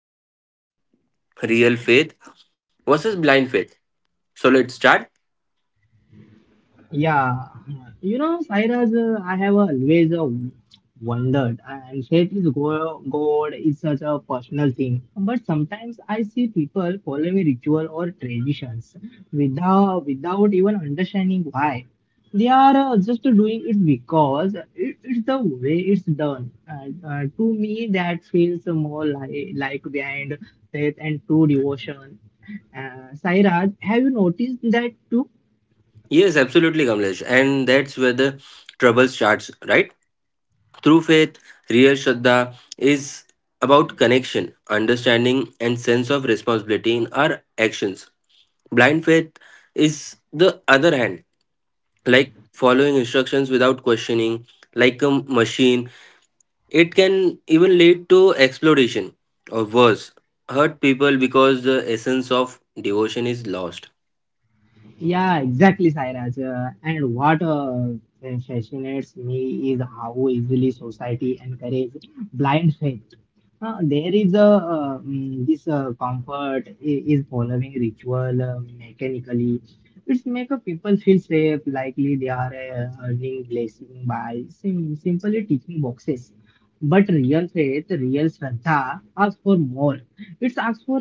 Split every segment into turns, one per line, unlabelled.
topic is real faith versus blind faith. So let's start.
Yeah, you know, Cyrus, I have always wondered, and faith is God is such a personal thing. But sometimes I see people following ritual or traditions without even understanding why. They are just doing it because it's the way it's done. And, to me, that feels more like behind faith and true devotion. Sairaj, have you noticed that too?
Yes, absolutely, Kamlesh. And that's where the trouble starts, right? Through faith, real Shraddha is about connection, understanding, and sense of responsibility in our actions. Blind faith is the other hand, like following instructions without questioning, like a machine. It can even lead to exploitation or worse, hurt people because the essence of devotion is lost.
Yeah, exactly, Sairaj. And what fascinates me is how easily society encourages blind faith. There is a this comfort is following ritual mechanically. It's make a people feel safe, likely they are earning blessing by simply ticking boxes. But real faith, real shraddha, asks for more. It's asks for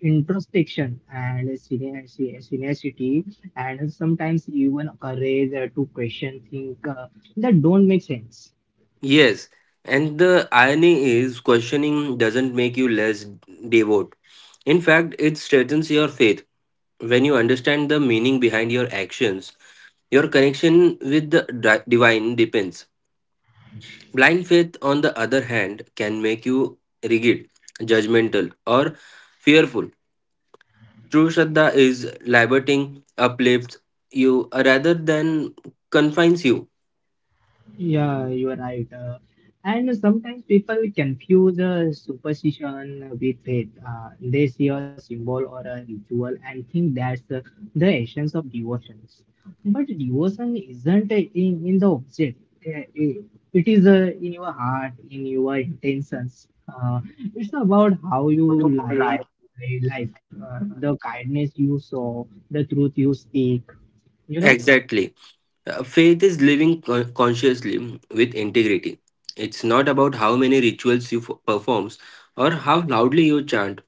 introspection and serenity, and sometimes even courage to question things that don't make sense.
Yes, and the irony is questioning doesn't make you less devout. In fact, it strengthens your faith. When you understand the meaning behind your actions, your connection with the divine depends. Blind faith, on the other hand, can make you rigid, judgmental, or fearful. True Shraddha is liberating, uplifts you rather than confines you.
Yeah, you are right. And sometimes people confuse superstition with faith. They see a symbol or a ritual and think that's the essence of devotions. But devotion isn't in the object. It it is in your heart, in your intentions. It's about how you live life, the kindness you show, the truth you speak, you know?
Exactly. Faith is living consciously with integrity. It's not about how many rituals you performs or how loudly you chant.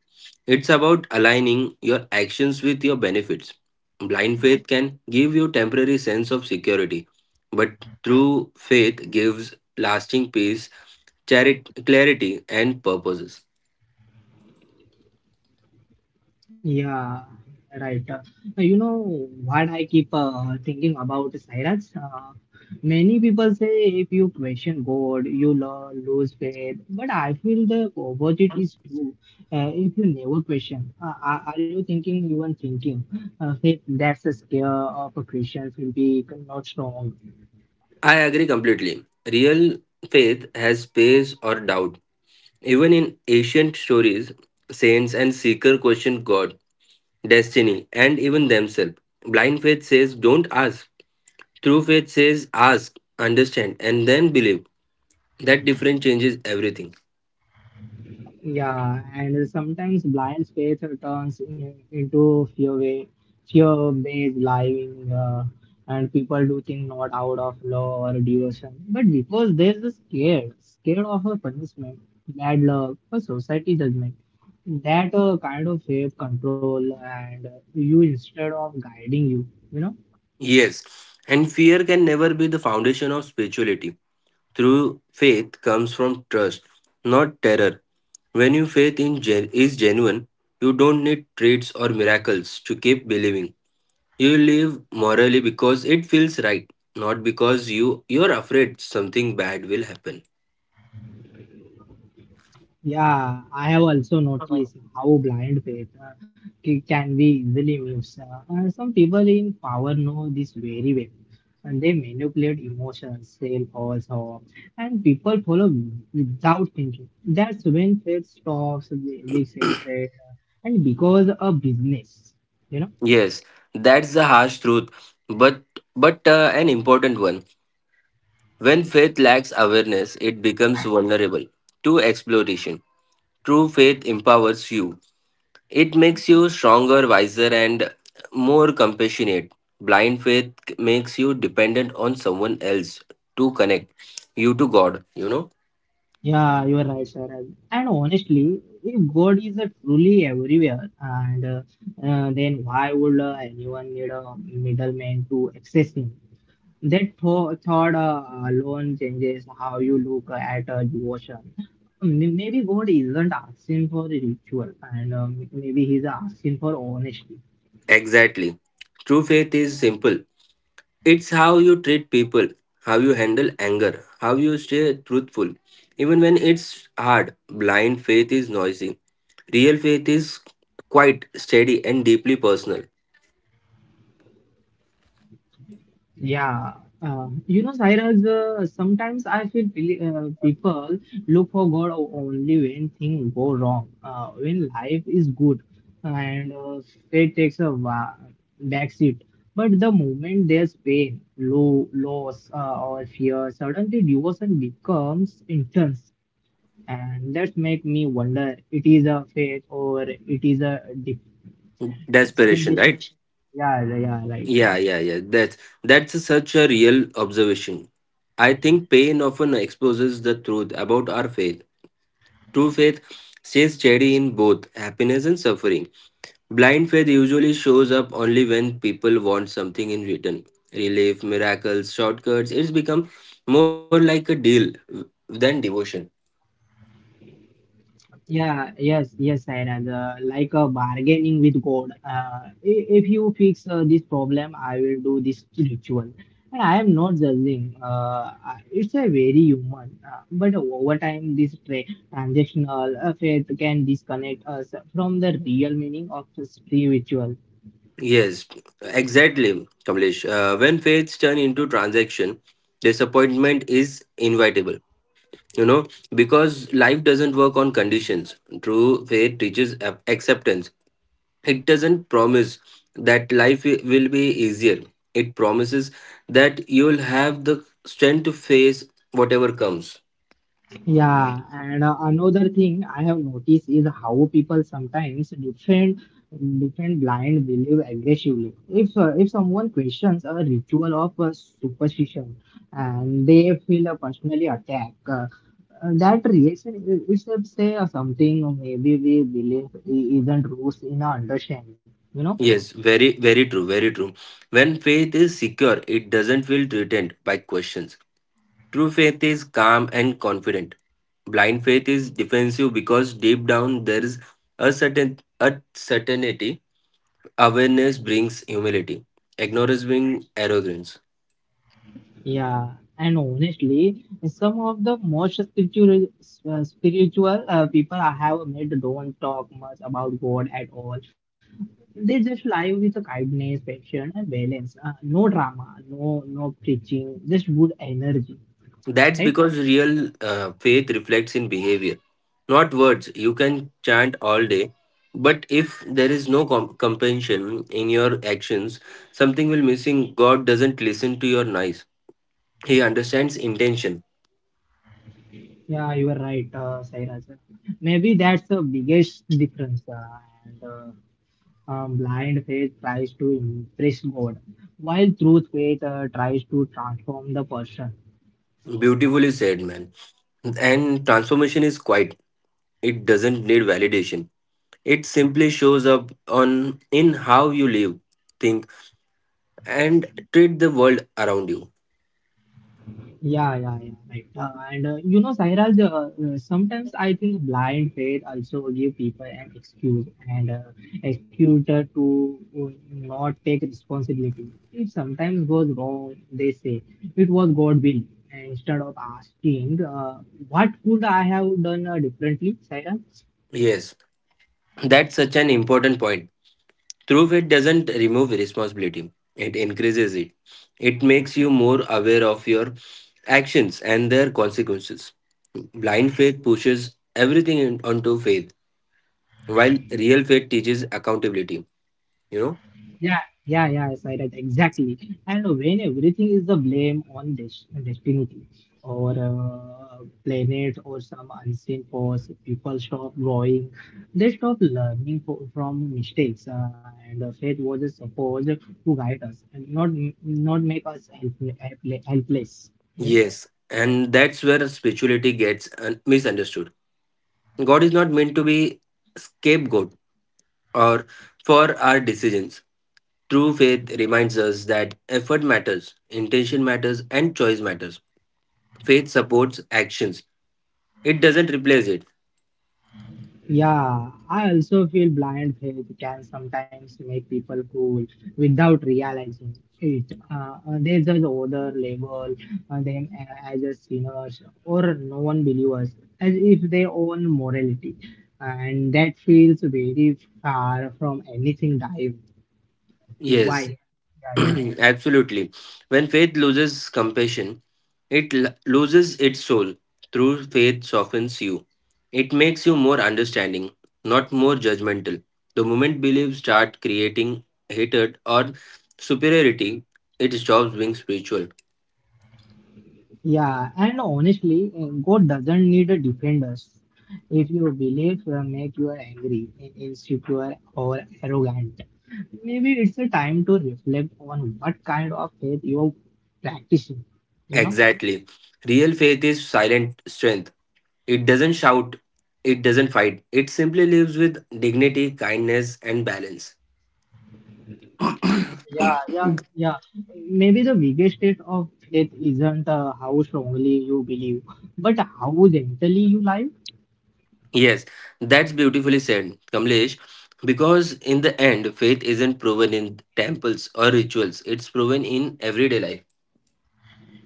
It's about aligning your actions with your benefits. Blind faith can give you temporary sense of security, but true faith gives lasting peace, clarity and purposes.
Yeah, right. You know what I keep thinking about Cyrus? Many people say if you question God, you lo lose faith. But I feel the opposite is true. If you never question, are you thinking even thinking? Faith that's a scare of a Christian will be not strong.
I agree completely. Real faith has space or doubt. Even in ancient stories, saints and seeker question God, destiny, and even themselves. Blind faith says, "Don't ask." True faith says, "Ask, understand, and then believe." That difference changes everything.
Yeah, and sometimes blind faith turns into fear fear-based lying, and people do think not out of law or devotion, but because they're scared, scared of a punishment, bad luck, or society judgment. That kind of faith control and you instead of guiding you, you know.
Yes, and fear can never be the foundation of spirituality. True faith comes from trust, not terror. When your faith is genuine, you don't need traits or miracles to keep believing. You live morally because it feels right, not because you're afraid something bad will happen.
Yeah, I have also noticed how blind faith can be easily misused. Some people in power know this very well, and they manipulate emotions, sell false hope, and people follow without thinking. That's when faith stops being sacred, and because a business, you know.
Yes, that's the harsh truth, but but an important one. When faith lacks awareness, it becomes vulnerable to exploitation. True faith empowers you. It makes you stronger, wiser, and more compassionate. Blind faith makes you dependent on someone else to connect you to God, you know?
Yeah, you are right, sir. And honestly, if God is truly everywhere, and then why would anyone need a middleman to access Him? That thought alone changes how you look at devotion. Maybe God isn't asking for a ritual, and maybe He's asking for honesty.
Exactly. True faith is simple. It's how you treat people, how you handle anger, how you stay truthful. Even when it's hard, blind faith is noisy. Real faith is quite steady and deeply personal.
Yeah, you know, Cyrus, sometimes I feel people look for God only when things go wrong, when life is good, and faith takes back seat. But the moment there's pain, low, loss, or fear, suddenly devotion becomes intense, and that makes me wonder: it is a faith or it is a
Desperation,
dispensation?
right?
Yeah, yeah, yeah, right.
Yeah, yeah, yeah. That's such a real observation. I think pain often exposes the truth about our faith. True faith stays steady in both happiness and suffering. Blind faith usually shows up only when people want something in return. Relief, miracles, shortcuts. It's become more like a deal than devotion.
Yeah, yes, yes, and like bargaining with God. If you fix this problem, I will do this ritual. And I am not judging. It's a very human. But over time, this transactional faith can disconnect us from the real meaning of the spiritual.
Yes, exactly, Kamlesh. When faiths turn into transaction, disappointment is inevitable. You know, because life doesn't work on conditions. True faith teaches acceptance. It doesn't promise that life will be easier. It promises that you'll have the strength to face whatever comes.
Yeah, and another thing I have noticed is how people sometimes defend blind belief aggressively. If someone questions a ritual of superstition and they feel a personally attacked, that reaction itself say something. Maybe we believe isn't roots in our understanding. You know.
Yes, very true, very true. When faith is secure, it doesn't feel threatened by questions. True faith is calm and confident. Blind faith is defensive because deep down there is a certain, a certainty. Awareness brings humility. Ignorance brings arrogance.
Yeah, and honestly, some of the most spiritual, people I have met don't talk much about God at all. They just live with a kindness, passion, and balance. No drama, no preaching, just good energy.
That's
Right?
because real faith reflects in behavior, not words. You can chant all day, but if there is no compassion in your actions, something will missing. God doesn't listen to your noise. He understands intention.
Yeah, you are right, Sairaj. Maybe that's the biggest difference. And Blind faith tries to impress God, while truth faith tries to transform the person.
Beautifully said, man. And transformation is quiet. It doesn't need validation. It simply shows up on in how you live, think, and treat the world around you.
Yeah, yeah, yeah, right. And You know, Sairaj, sometimes I think blind faith also give people an excuse and excuse to not take responsibility. It sometimes goes wrong. They say it was God will instead of asking what could I have done differently, Sairaj?
Yes, that's such an important point. Through faith doesn't remove responsibility, it increases it. It makes you more aware of your actions and their consequences. Blind faith pushes everything in, onto faith, while real faith teaches accountability, you know?
Yeah, yeah, yeah, yes, I right, exactly. And when everything is the blame on destiny or planet or some unseen force, people stop growing, they stop learning from mistakes, and faith was supposed to guide us and not make us helpless.
Yes, and that's where spirituality gets misunderstood. God is not meant to be scapegoat or for our decisions. True faith reminds us that effort matters, intention matters, and choice matters. Faith supports actions, it doesn't replace it.
Yeah, I also feel blind faith can sometimes make people cool without realizing it. They just other label them as a sinners or non believers as if they own morality, and that feels very far from anything
Yes,
divine. Yeah, yeah.
absolutely. When faith loses compassion, it loses its soul. True faith softens you, it makes you more understanding, not more judgmental. The moment beliefs start creating hatred or superiority, it stops being spiritual.
Yeah, and honestly, God doesn't need a defenders. If your belief make you angry, insecure, or arrogant, maybe it's a time to reflect on what kind of faith you're practicing. You know?
Exactly. Real faith is silent strength. It doesn't shout, it doesn't fight, it simply lives with dignity, kindness, and balance.
Yeah, yeah, yeah. Maybe the biggest test of faith isn't how strongly you believe, but how gently you live.
Yes, that's beautifully said, Kamlesh. Because in the end, faith isn't proven in temples or rituals, it's proven in everyday life.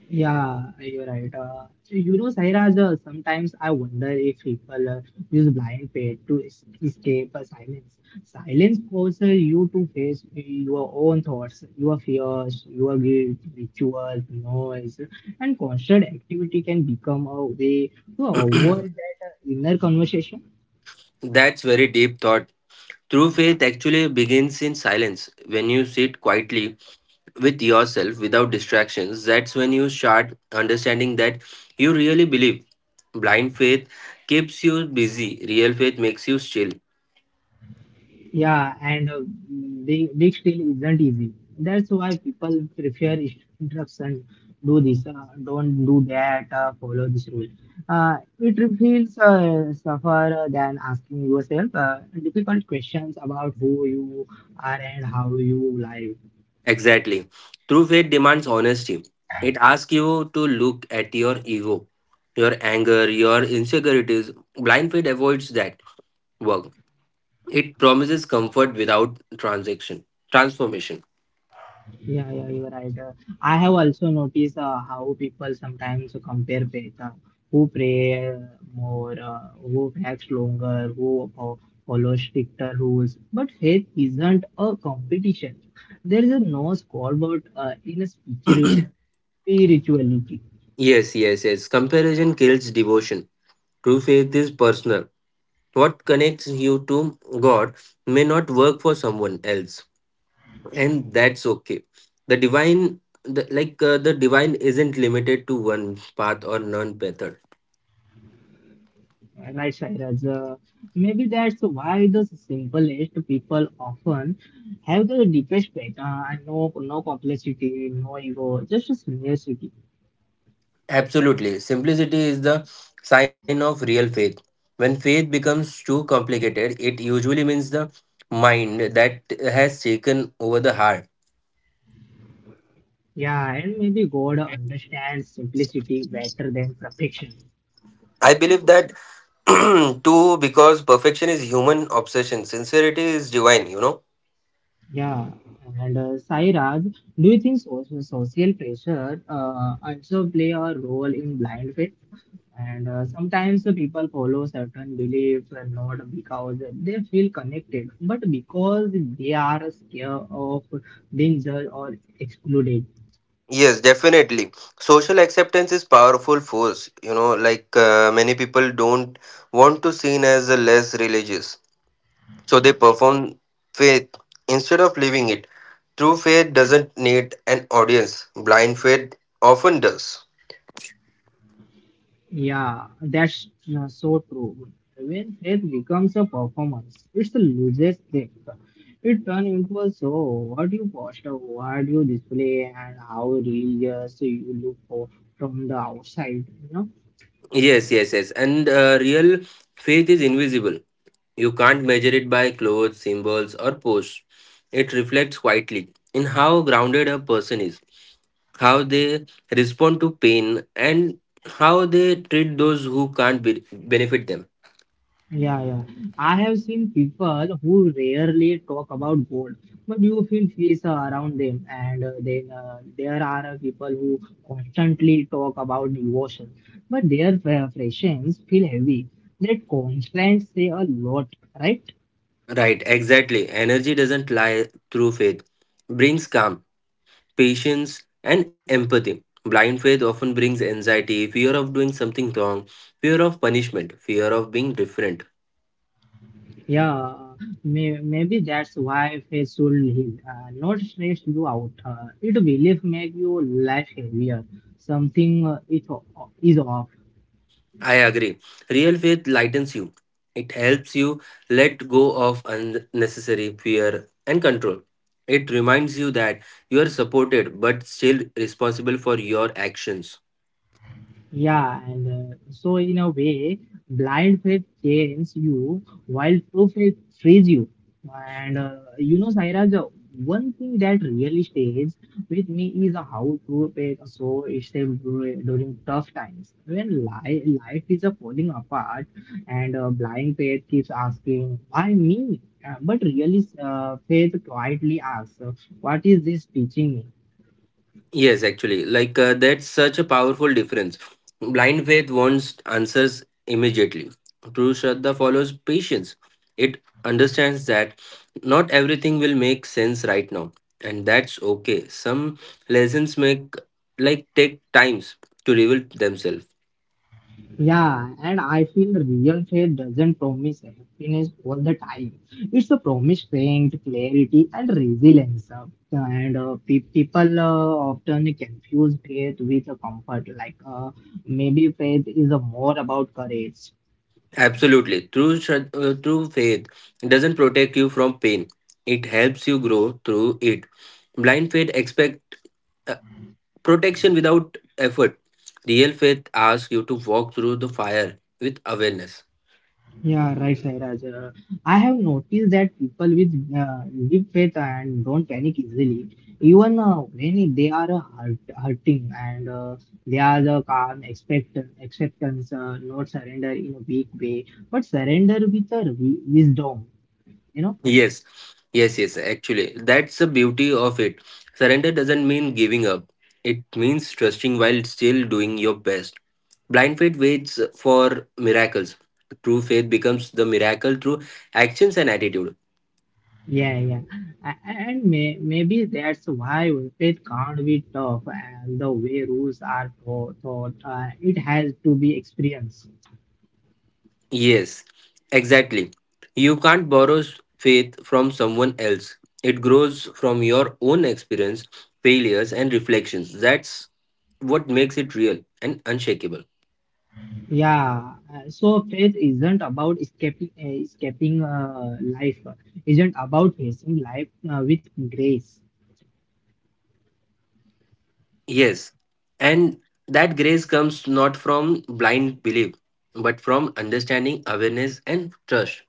Yeah, you're right. So, you know, Sairaj, sometimes I wonder if people use blind faith to escape silence. Silence forces you to face your own thoughts, your fears, your guilt, rituals, noise, and constant activity can become a way to avoid that inner conversation.
That's very deep thought. True faith actually begins in silence. When you sit quietly with yourself without distractions, that's when you start understanding that you really believe. Blind faith keeps you busy, real faith makes you still.
Yeah, and big, still isn't easy. That's why people prefer instruction. Do this, don't do that, follow this rule. It feels suffer than asking yourself difficult questions about who you are and how you live.
Exactly. True faith demands honesty. It asks you to look at your ego, your anger, your insecurities. Blind faith avoids that work. It promises comfort without transaction, transformation.
Yeah, yeah, you're right. I have also noticed how people sometimes compare faith. Who pray more, who fasts longer, who follow stricter rules. But faith isn't a competition. There is a no scoreboard in a spirituality.
Yes, yes, yes. Comparison kills devotion. True faith is personal. What connects you to God may not work for someone else, and that's okay. The divine, the, the divine, isn't limited to one path or none method.
Right, Sairaj? Maybe that's why the simplest people often have the deepest faith. And no, complexity, no ego, just a simplicity.
Absolutely. Simplicity is the sign of real faith. When faith becomes too complicated, it usually means the mind that has taken over the heart.
Yeah, and maybe God understands simplicity better than perfection.
I believe that too because perfection is human obsession, sincerity is divine, you know.
Yeah, and Sairaj, do you think social, pressure also play a role in blind faith? And sometimes the people follow certain beliefs and not because they feel connected, but because they are scared of being judged or excluded.
Yes, definitely. Social acceptance is powerful force, you know, many people don't want to seen as a less religious. So they perform faith instead of living it. True faith doesn't need an audience, blind faith often does.
Yeah, that's so true. When it becomes a performance, it's a loses thing. It turns into a show. What you post, what you display, and how religious you look for from the outside. You know?
Yes, yes, yes. And real faith is invisible. You can't measure it by clothes, symbols, or posts. It reflects quietly in how grounded a person is, how they respond to pain, and how they treat those who can't be- benefit them.
Yeah, yeah. I have seen people who rarely talk about gold, but you feel peace around them, and then there are people who constantly talk about devotion, but their friends feel heavy. That constraints say a lot, right?
Right, exactly. Energy doesn't lie through faith, brings calm, patience, and empathy. Blind faith often brings anxiety, fear of doing something wrong, fear of punishment, fear of being different.
Yeah, maybe that's why faith should heal, not stress you out. It belief make you life heavier. Something is off.
I agree. Real faith lightens you. It helps you let go of unnecessary fear and control. It reminds you that you are supported but still responsible for your actions.
Yeah, and so in a way, blind faith chains you while true faith frees you. And you know, Saira, the one thing that really stays with me is how true faith so is saved during tough times when li life is falling apart, and blind faith keeps asking, "Why me?" But really, faith quietly asks, "What is this teaching me?"
Yes, actually, that's such a powerful difference. Blind faith wants answers immediately. True Shraddha follows patience. It understands that not everything will make sense right now, and that's okay. Some lessons make like take times to reveal themselves.
Yeah, and I feel real faith doesn't promise happiness all the time. It's a promise strength, clarity, and resilience. People often confuse faith with a comfort. Like maybe faith is more about courage,
Absolutely, true Shraddha, true faith doesn't protect you from pain. It helps you grow through it. Blind faith expect protection without effort. Real faith asks you to walk through the fire with awareness.
Yeah, right, Sairaj. I have noticed that people with deep faith and don't panic easily, even when they are hurting and they are the calm expect, acceptance, not surrender in a weak way, but surrender with a wisdom, you know.
Yes, yes, yes, actually, that's the beauty of it. Surrender doesn't mean giving up, it means trusting while still doing your best. Blind faith waits for miracles. True faith becomes the miracle through actions and attitude.
Yeah, yeah. And maybe that's why faith can't be tough and the way rules are taught, taught, it has to be experienced.
Yes, exactly. You can't borrow faith from someone else. It grows from your own experience, failures, and reflections. That's what makes it real and unshakable.
Yeah, so faith isn't about escaping life, isn't about facing life with grace.
Yes, and that grace comes not from blind belief, but from understanding, awareness, and trust.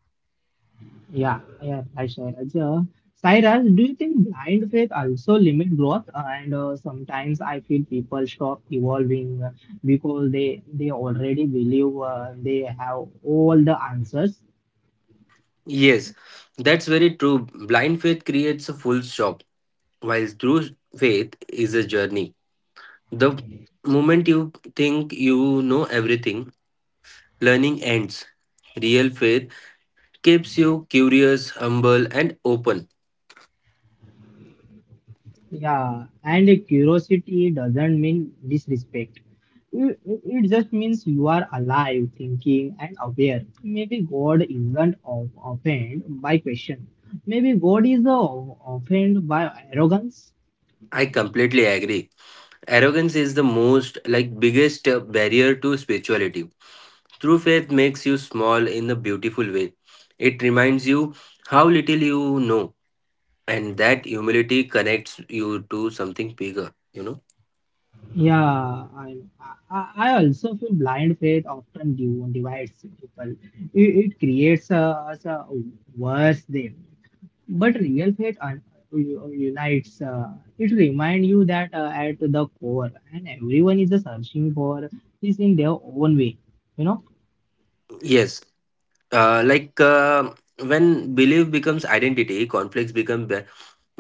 Yeah, yeah, right, Sairaj. Sairaj, do you think blind faith also limit growth? And Sometimes I feel people stop evolving because they already believe they have all the answers.
Yes, that's very true. Blind faith creates a full stop, while true faith is a journey. The moment you think you know everything, learning ends. Real faith keeps you curious, humble, and open.
Yeah, and curiosity doesn't mean disrespect. It just means you are alive, thinking, and aware. Maybe God isn't offended by question. Maybe God is offended by arrogance.
I completely agree. Arrogance is the most, like, biggest barrier to spirituality. True faith makes you small in a beautiful way. It reminds you how little you know, and that humility connects you to something bigger, you know?
Yeah, know. I also feel blind faith often divides people. It creates a, us a worse them. But real faith unites. It reminds you that at the core, and everyone is searching for is in their own way. You know,
Yes. Uh, like, uh, when belief becomes identity, conflicts become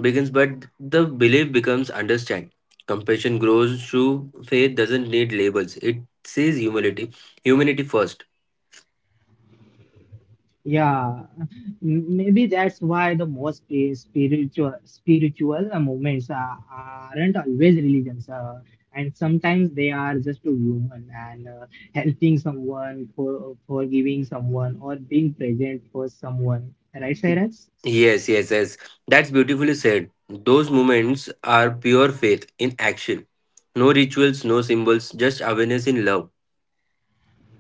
begins, but the belief becomes understand. Compassion grows through faith doesn't need labels. It says humility. Humanity first.
yeah. Maybe that's why the most spiritual movements aren't always religions. And sometimes they are just a human and helping someone for forgiving someone or being present for someone, right Cyrus?
Yes, yes, yes. That's beautifully said. Those moments are pure faith in action. No rituals, no symbols, just awareness in love.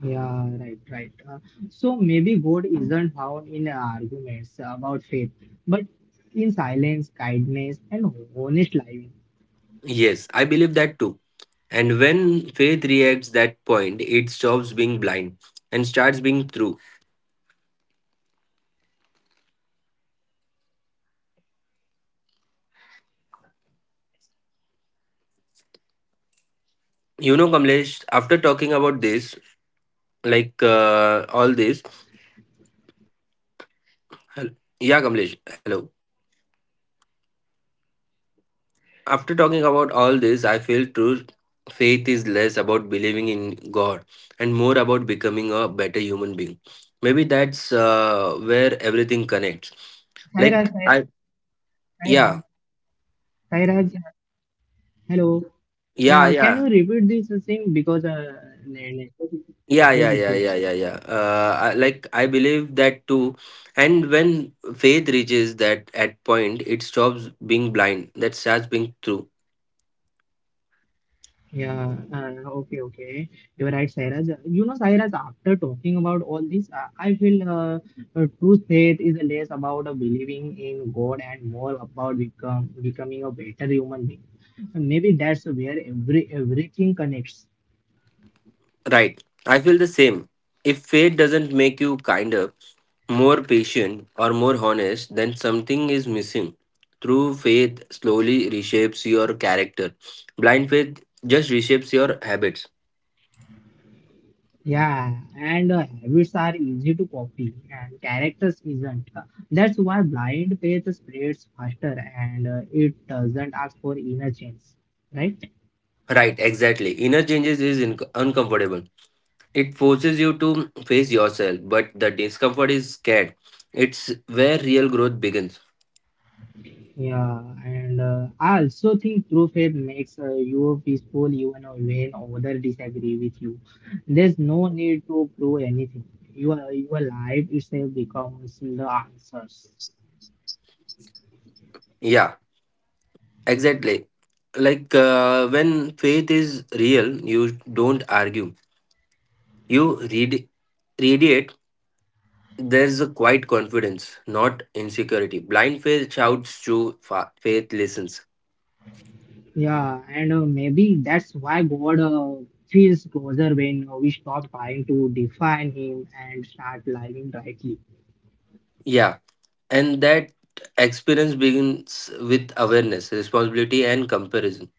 Yeah, right, right. So maybe God isn't found in arguments about faith, but in silence, kindness, and honest living.
Yes, I believe that too. And when faith reacts that point, it stops being blind and starts being true.
Hello, Sairaj, Sairaj.
You know, Kamlesh, after talking about this, all this,
Hello,
Yeah,
hello.
Kamlesh. Hello.
Yeah, Sairaj,
After talking about all this, I
can you
feel
can you
true
repeat to this?
faith is less about believing in God and more about becoming a better human being. Maybe that's where everything connects.
Sairaj,
Like I, yeah,
Sairaj, Sairaj. Hello.
yeah,
Yeah, can
yeah,
you repeat this thing because network
yeah, yeah,
network
yeah,
issue.
yeah, yeah, yeah. Like I believe that too. And when faith reaches that at point, it stops being blind. That starts being true.
Yeah, okay, okay. You're right, Sairaj. You know, Sairaj, after talking about all this, I feel true faith is less about believing in God and more about becoming a better human being. Maybe that's where everything connects.
Right. I feel the same. If faith doesn't make you kinder more patient or more honest, then something is missing. True faith slowly reshapes your character. Blind faith just reshapes your habits.
Yeah, and habits are easy to copy, and characters isn't. That's why blind faith spreads faster, and it doesn't ask for inner change, right?
Right, exactly. Inner changes is inc uncomfortable. It forces you to face yourself, but the discomfort is scared. It's where real growth begins.
Yeah, and I also think true faith makes you peaceful even when others disagree with you. There's no need to prove anything. Your life itself becomes the answers.
Yeah, exactly. When faith is real, you don't argue. You read, radiate. There is a quiet confidence, not insecurity. Blind faith shouts true faith listens.
Yeah, and maybe that's why God feels closer when we stop trying to define Him and start living rightly.
Yeah, and that experience begins with awareness, responsibility, and comparison,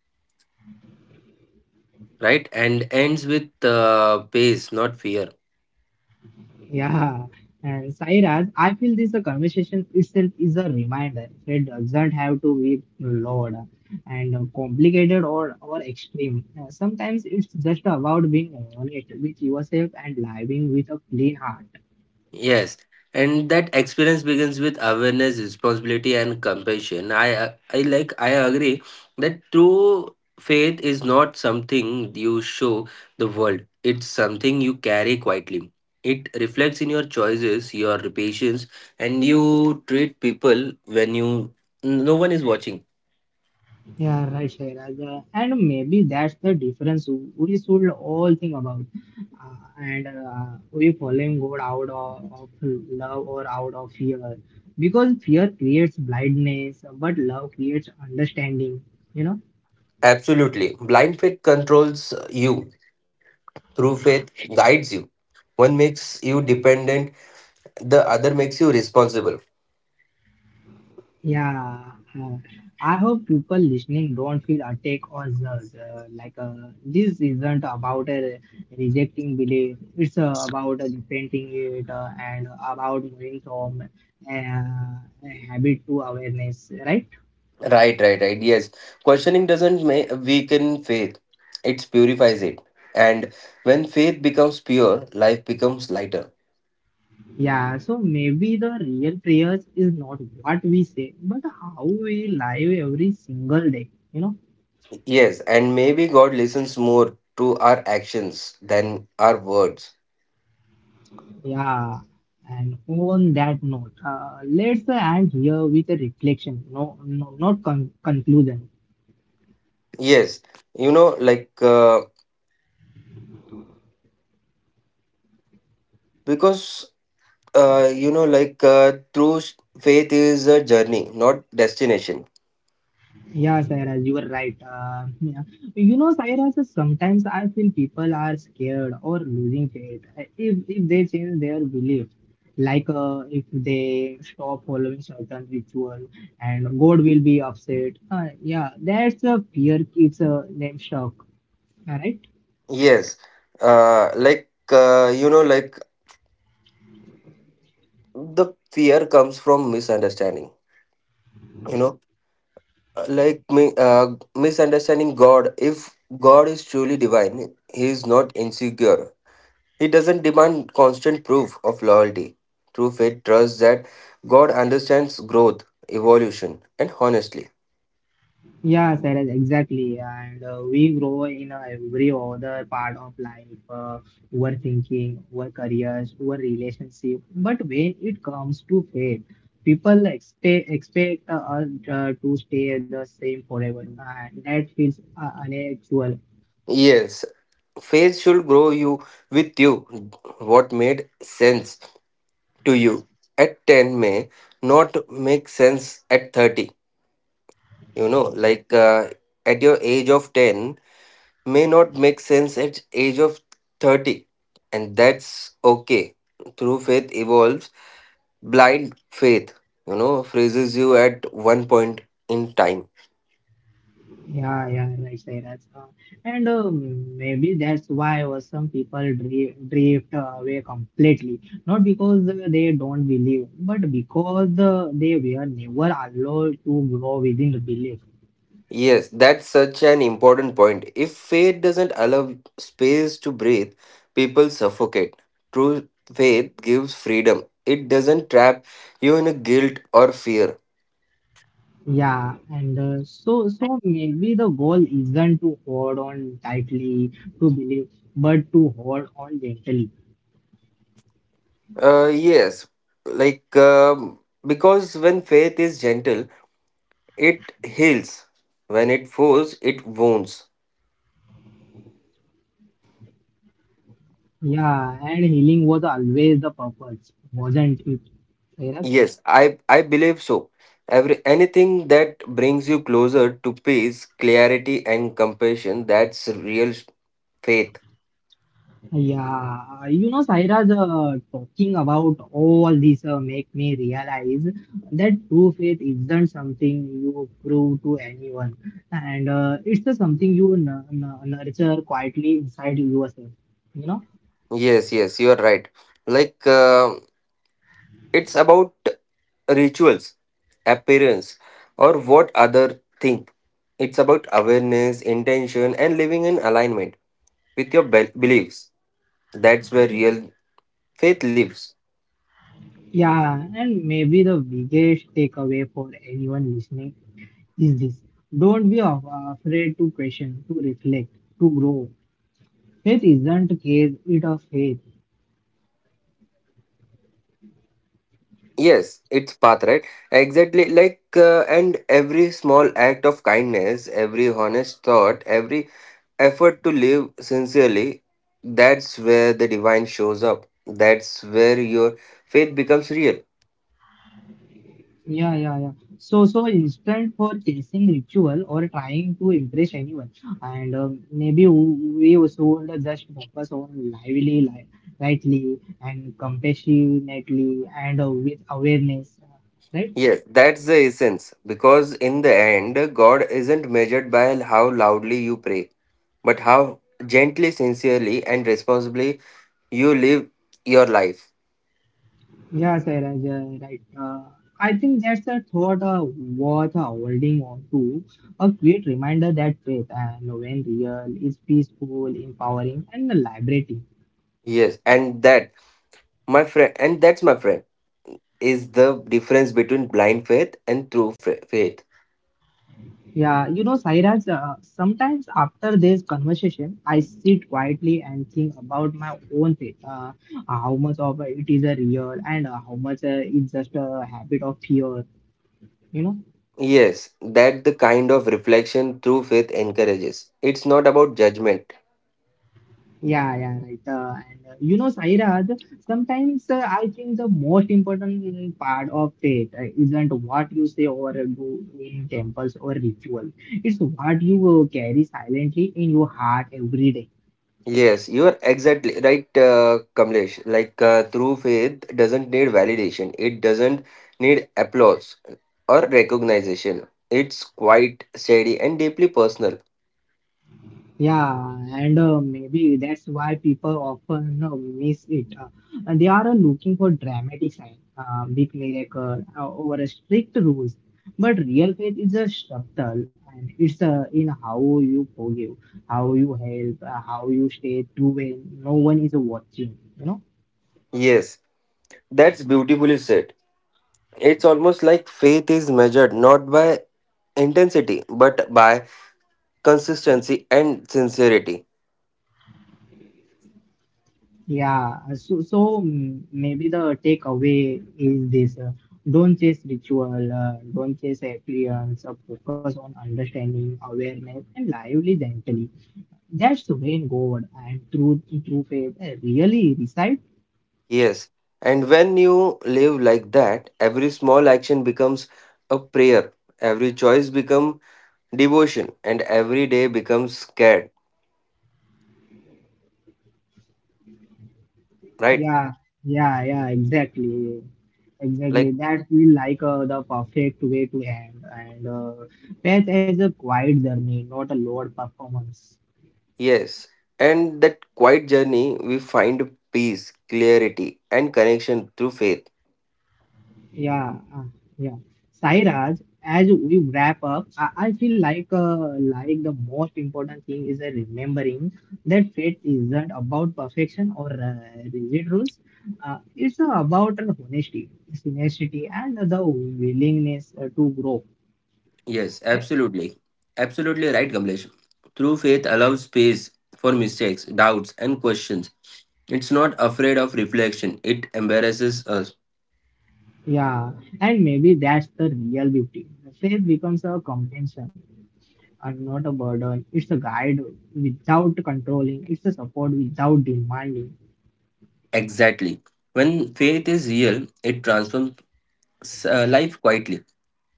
right? And ends with pace, not fear.
Yeah, and Sairaj, I feel this the conversation itself is a reminder. It doesn't have to be loud and complicated or extreme. Sometimes it's just about being honest with yourself and living with a clean heart.
Yes, and that experience begins with awareness, responsibility, and compassion. I like, I agree that true faith is not something you show the world. It's something you carry quietly. It reflects in your choices, your patience, and you treat people when you no one is watching.
Yeah, right, Shairaj. And maybe that's the difference we should all think about. And We following God out of love or out of fear. Because fear creates blindness, but love creates understanding, you know.
Absolutely, blind faith controls you. True faith guides you. One makes you dependent, the other makes you responsible.
Yeah, uh, I hope people listening don't feel attacked or judged. This isn't about rejecting belief. It's about repenting it and about moving from habit to awareness, right?
Right, right, right. Yes. Questioning doesn't weaken faith, it purifies it. And when faith becomes pure, life becomes lighter.
Yeah. So maybe the real prayers is not what we say, but how we live every single day. You know.
Yes, and maybe God listens more to our actions than our words.
Yeah, and on that note, let's end here with a reflection, no, no not conclusion.
Yes, like, because, like, through faith is a journey, not destination.
Yeah, Sairaj, you were right. Yeah. You know, Sairaj, sometimes I feel people are scared or losing faith if they change their belief. If they stop following certain ritual and God will be upset. Yeah, that's a fear keeps them stuck. All right.
Yes, like, like, the fear comes from misunderstanding. you know like misunderstanding God. If God is truly divine, he is not insecure. He doesn't demand constant proof of loyalty. True faith trusts that God understands growth, evolution, and honestly.
Yeah, Sarah, exactly. And we grow in every other part of life, our thinking, our careers, our relationship. But when it comes to faith, people expect us to stay the same forever, and that feels unnatural.
Yes, faith should grow you with you. What made sense to you at 10 may not make sense at 30. Like, at your age of 10 may not make sense at age of 30, and that's okay. Through faith evolves, blind faith, freezes you at one point in time.
Yeah, yeah, right, right. That's, and maybe that's why was some people drift away completely. Not because they don't believe, but because they were never allowed to grow within the belief.
Yes, that's such an important point. If faith doesn't allow space to breathe, people suffocate. True faith gives freedom. It doesn't trap you in a guilt or fear.
Yeah, and so maybe the goal isn't to hold on tightly to believe, but to hold on gently.
Yes, like because when faith is gentle, it heals. When it falls, it wounds.
Yeah, and healing was always the purpose, wasn't it? Sairaj?
Yes, I believe so. Every anything that brings you closer to peace, clarity, and compassion, that's real faith.
Yeah, you know, Sairaj, talking about all this make me realize that true faith isn't something you prove to anyone, and it's something you nurture quietly inside yourself. You know,
Yes, yes, you are right. Like it's about rituals, appearance, or what other think. It's about awareness, intention, and living in alignment with your beliefs. That's where real faith lives.
yeah, and maybe the biggest takeaway for anyone listening is this: don't be afraid to question, to reflect, to grow. Faith isn't case; it a faith.
Yes, it's path, right? Exactly. Like, and every small act of kindness, every honest thought, every effort to live sincerely, that's where the divine shows up. That's where your faith becomes real.
Yeah, yeah, yeah. So instant for chasing ritual or trying to impress anyone, and maybe we also would just focus on lively, li lightly, and compassionately, and with awareness, right?
Yes, that's the essence. Because in the end, God isn't measured by how loudly you pray, but how gently, sincerely, and responsibly you live your life.
Yeah, Sairaj, right. I think that's a thought worth holding on to. A great reminder that faith and when real is peaceful, empowering, and liberating.
Yes, and that, my friend, is the difference between blind faith and true faith.
Yeah, you know, Sairaj, sometimes after this conversation, I sit quietly and think about my own faith. How much of it is a real and how much it's just a habit of fear, you know?
Yes, that the kind of reflection true faith encourages. It's not about judgment.
Yeah, yeah, right. And You know, Sairaj, sometimes I think the most important part of faith isn't what you say or do in temples or ritual. It's what you carry silently in your heart every day.
Yes, you are exactly right, Kamlesh. Like true faith doesn't need validation. It doesn't need applause or recognition. It's quite steady and deeply personal.
Yeah, and maybe that's why people often miss it. And they are looking for dramatic sign, big miracle, over a strict rules. But real faith is a subtle, and it's in how you forgive, how you help, how you stay true when no one is watching. You know.
Yes, that's beautifully said. It's almost like faith is measured not by intensity but by consistency and sincerity.
Yeah, so maybe the takeaway is this: don't chase ritual, don't chase appearance. Focus on understanding, awareness, and lively gently. That's when God and true faith really reside.
Yes. And when you live like that, every small action becomes a prayer, every choice becomes devotion, and every day becomes scared, right?
Yeah, yeah, yeah, exactly, exactly.
Like,
That feel like the perfect way to end and faith as a quiet journey, not a loud performance.
yes. And that quiet journey, we find peace, clarity, and connection through faith.
Yeah, yeah. Sairaj, as we wrap up, I feel like the most important thing is remembering that faith isn't about perfection or rigid rules. It's about honesty, tenacity, and the willingness to grow.
Yes, absolutely. Absolutely right, Kamlesh. True faith allows space for mistakes, doubts, and questions. It's not afraid of reflection, it embarrasses us.
Yeah, and maybe that's the real beauty. Faith becomes a compensation and not a burden. It's a guide without controlling. It's a support without demanding.
Exactly. When faith is real, it transforms life quietly.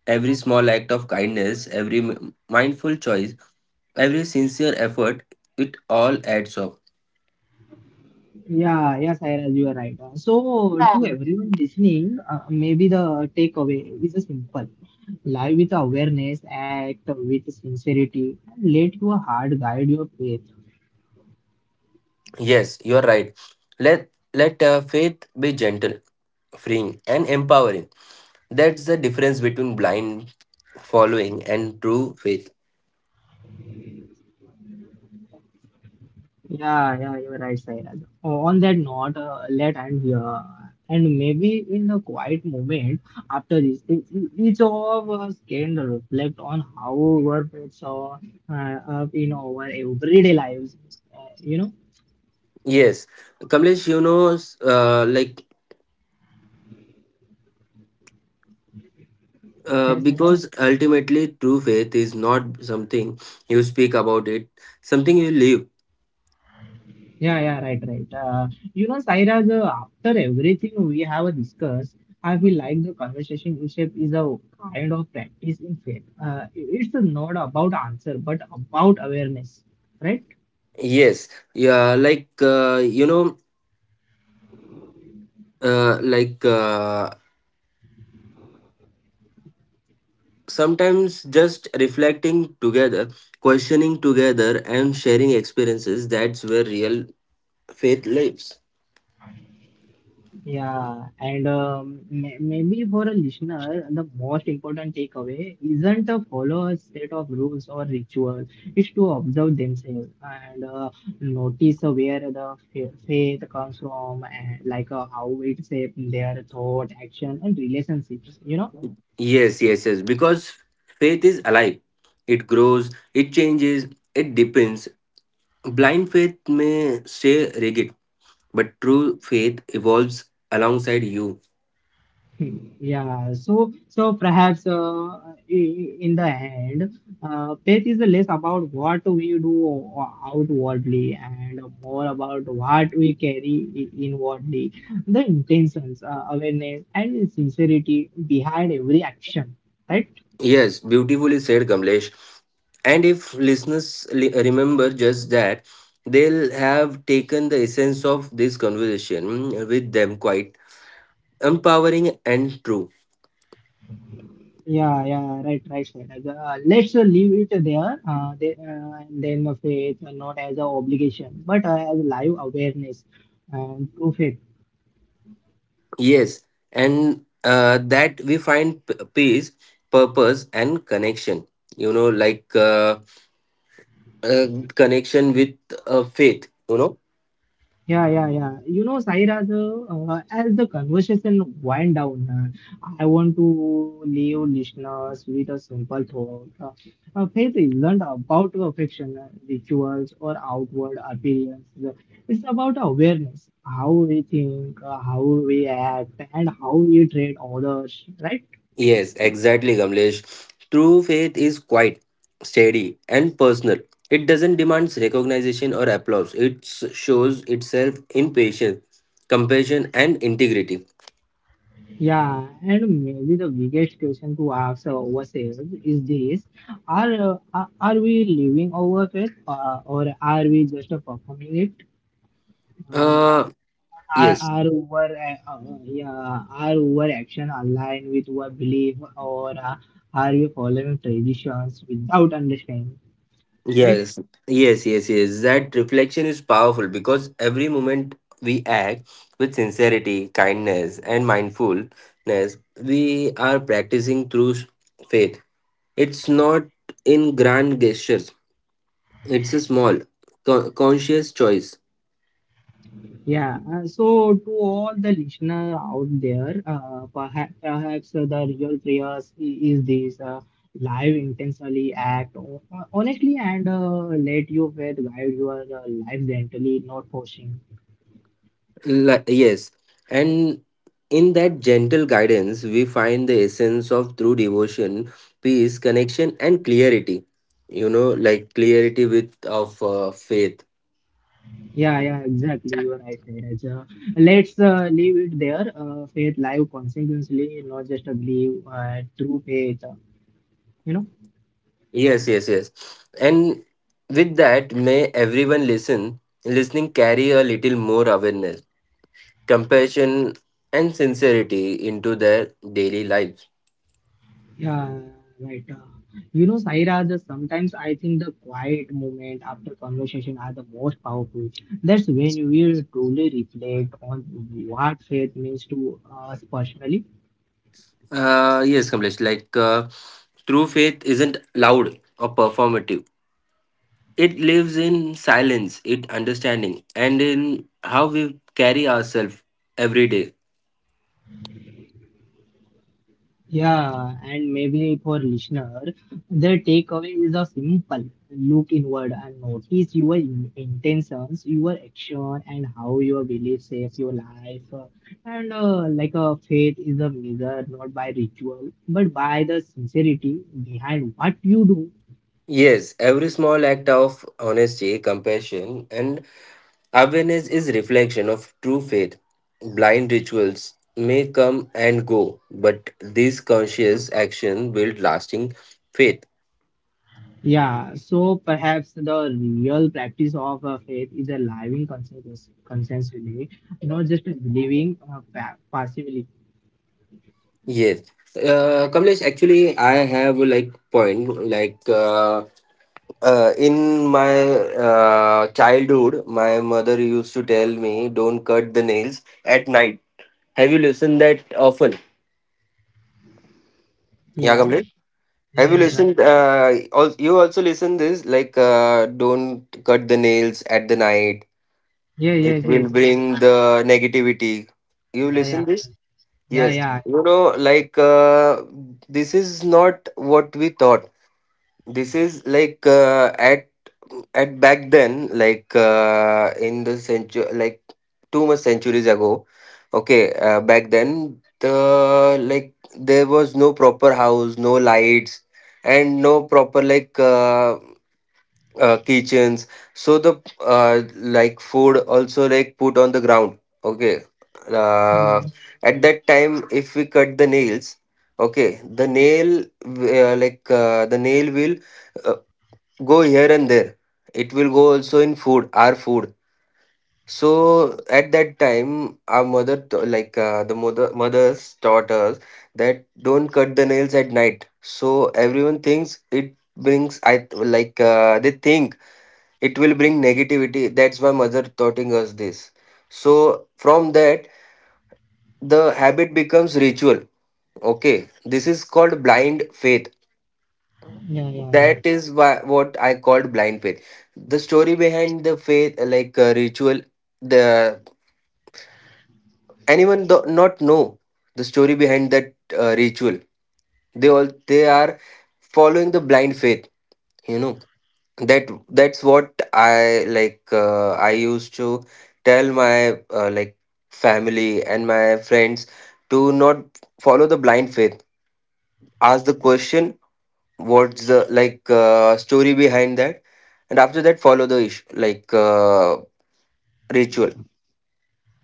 Every small act of kindness, every mindful choice, every sincere effort, it all adds up.
Yeah, yeah, Sairaj, you are right. So, to
Um,
everyone listening, maybe the takeaway is a simple: live with awareness, act with sincerity, and let your heart guide your faith.
Yes, you are right. Let faith be gentle, freeing, and empowering. That's the difference between blind following and true faith.
Yeah, yeah, you are right, Sairaj. On that note, let and here, and maybe in a quiet moment after this, each of us can reflect on how our faith show up in our everyday lives. You know,
Yes, Kamlesh, like
that's it.
because ultimately, true faith is not something you speak about it, something you live.
Yeah, yeah, right, right. You know, Sairaj, after everything we have discussed, I feel like the conversation shape is a kind of practice in fact. It's not about answer, but about awareness, right?
Yes, yeah, like like sometimes just reflecting together, questioning together, and sharing experiences. That's where real faith lives.
Yeah, and maybe for a listener, the most important takeaway isn't to follow a set of rules or rituals, it's to observe themselves and notice where the faith comes from, and how it shapes their thought, action, and relationships. You know,
Yes, yes, yes. Because faith is alive. It grows. It changes. It depends. Blind faith may stay rigid, but true faith evolves alongside you.
yeah, so perhaps in the end, faith is less about what we do outwardly and more about what we carry inwardly. The intentions, awareness, and sincerity behind every action, right?
Yes, beautifully said, Kamlesh. And if listeners remember just that, they'll have taken the essence of this conversation with them quite empowering and true.
Yeah, yeah, right, right, right. Let's leave it there. Then the faith, not as an obligation, but as live awareness and true faith.
Yes, and that we find peace, purpose, and connection. You know, like uh, connection with faith.
Yeah, yeah, yeah. You know, Saira, the, as the conversation wind down, I want to leave listeners with a simple thought. Faith isn't about perfection, rituals, or outward appearance. It's about awareness, how we think, how we act, and how we treat others, right?
Yes, exactly, Kamlesh. True faith is quiet, steady, and personal. It doesn't demand recognition or applause. It shows itself in patience, compassion, and integrity.
Yeah, and maybe the biggest question to ask ourselves is this: Are are we living over it, or are we just performing it? Uh,
Uh, yes,
are our are our action aligned with our belief, or are we following traditions without understanding? Right.
yes, yes, yes, yes. That reflection is powerful because every moment we act with sincerity, kindness, and mindfulness, we are practicing true faith. It's not in grand gestures. It's a small, conscious choice.
Yeah, so to all the listener out there, perhaps the real prayers is this live intentionally act honestly and let your faith guide your life gently, not forcing.
Yes. And in that gentle guidance, we find the essence of true devotion, peace, connection, and clarity. You know, like clarity with of faith.
Yeah, yeah, exactly. You are right, Neeraj. Let's leave it there. Faith live consequently, not just a belief, true faith. You know.
Yes, yes, yes. And with that, may everyone listening carry a little more awareness, compassion, and sincerity into their daily lives.
Yeah, right. You know, Sairaj, sometimes I think the quiet moment after conversation are the most powerful. That's when we will truly reflect on what faith means to us personally.
Yes, Kamlesh. Like, true faith isn't loud or performative. It lives in silence, it understanding, and in how we carry ourselves every day.
Yeah, and maybe for listener, the takeaway is a simple look inward and notice your intentions, your action, and how your beliefs shape your life. And a faith is a measure not by ritual but by the sincerity behind what you do.
Yes, every small act of honesty, compassion, and awareness is reflection of true faith. Blind rituals may come and go, but these conscious actions build lasting faith.
Yeah, so perhaps the real practice of faith is a living consensually, not just believing passively.
Yes. Kamlesh, actually, I have like point like in my childhood, my mother used to tell me, "Don't cut the nails at night." Have you listened that often? Yeah,
Yeah,
Kamlesh.
yeah,
Have you
yeah, right.
listened? You also listen this like, "Don't cut the nails at the night.
Yeah, yes,
It will
yes.
bring the negativity." You
Yeah, yeah,
listen this?
yeah,
Yes.
yeah.
You know, like this is not what we thought. This is like at back then like in the century, like too much centuries ago. Okay, back then the like there was no proper house, no lights, and no proper like kitchens. So the like food also like put on the ground. Okay, uh,
Mm.
at that time if we cut the nails, okay, the nail like the nail will uh, go here and there. It will go also in food, our food. So at that time our like the mothers taught us that don't cut the nails at night. So everyone thinks it brings I like they think it will bring negativity. That's why mother taughting us this. So from that the habit becomes ritual. Okay, this is called blind faith.
Yeah, yeah, yeah.
That is why, what I called blind faith. The story behind the faith, like ritual, the anyone do not know the story behind that ritual. They all they are following the blind faith. You know, that that's what I like. I used to tell my like family and my friends to not follow the blind faith. Ask the question what's the like story behind that, and after that follow the ish like ritual.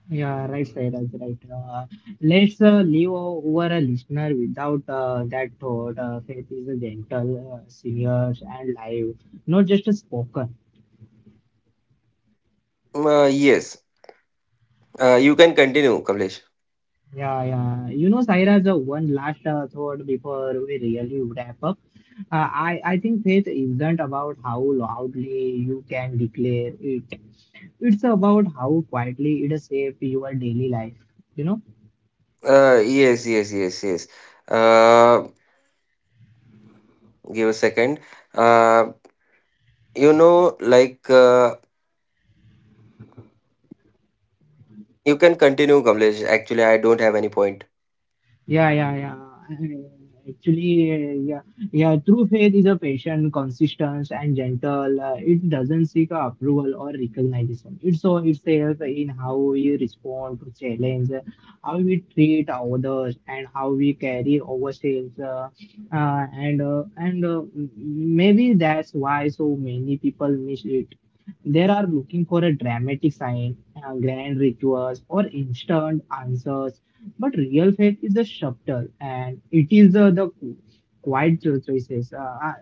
Yeah, right, right, right, right. Let's leave over a listener without that thought. Faith is a gentle, serious, and live, not just a spoken.
Yes, you can continue, Kamlesh.
Yeah, yeah. You know, Saira, the one last thought before we really wrap up. I think faith isn't about how loudly you can declare it. It's about how quietly it shapes your daily life. You know.
Yes, yes, yes, yes. uh, give a second. uh, you know like you can continue, Kamlesh, actually I don't have any point.
Yeah, yeah, yeah. Actually, yeah. True faith is a patient, consistent, and gentle. It doesn't seek approval or recognition. It so itself in how we respond to challenge, how we treat others, and how we carry ourselves. Maybe that's why so many people miss it. They are looking for a dramatic sign, grand rituals, or instant answers but real faith is a subtle and it is the quiet choices,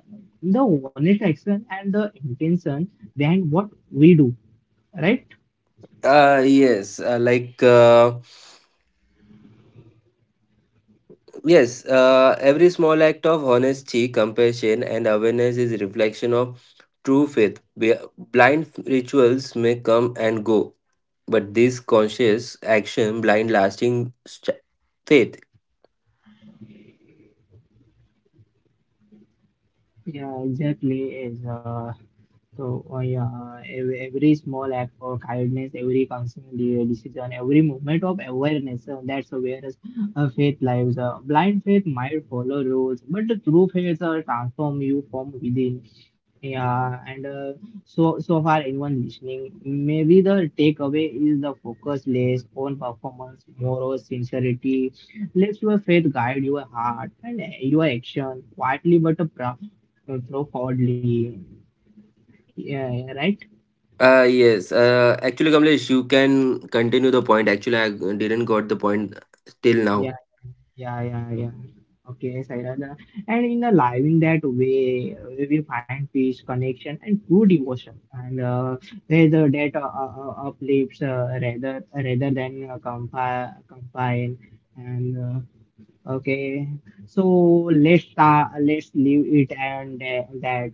the honest action, and the intention behind what we do, right?
yes, like yes, every small act of honesty, compassion, and awareness is reflection of true faith. Blind rituals may come and go, but this conscious action blind lasting faith.
Yeah, exactly. Is so, every small act of kindness, every constant decision, every movement of awareness, that's where faith lives. Blind faith might follow rules, but the true faith transform you from within. Yeah, and so far, anyone listening, maybe the takeaway is the focus less on performance, more on sincerity. Let your faith guide your heart and your action quietly but profoundly. Yeah, yeah, right?
Yes, actually, Kamlesh, you can continue the point. Actually, I didn't got the point till now.
Yeah, yeah, yeah, yeah. Okay, Sairaj. And in the living that way, we find peace, connection, and true devotion. And rather that uplifts rather than compa combine. And uh, okay, so let's leave it and that.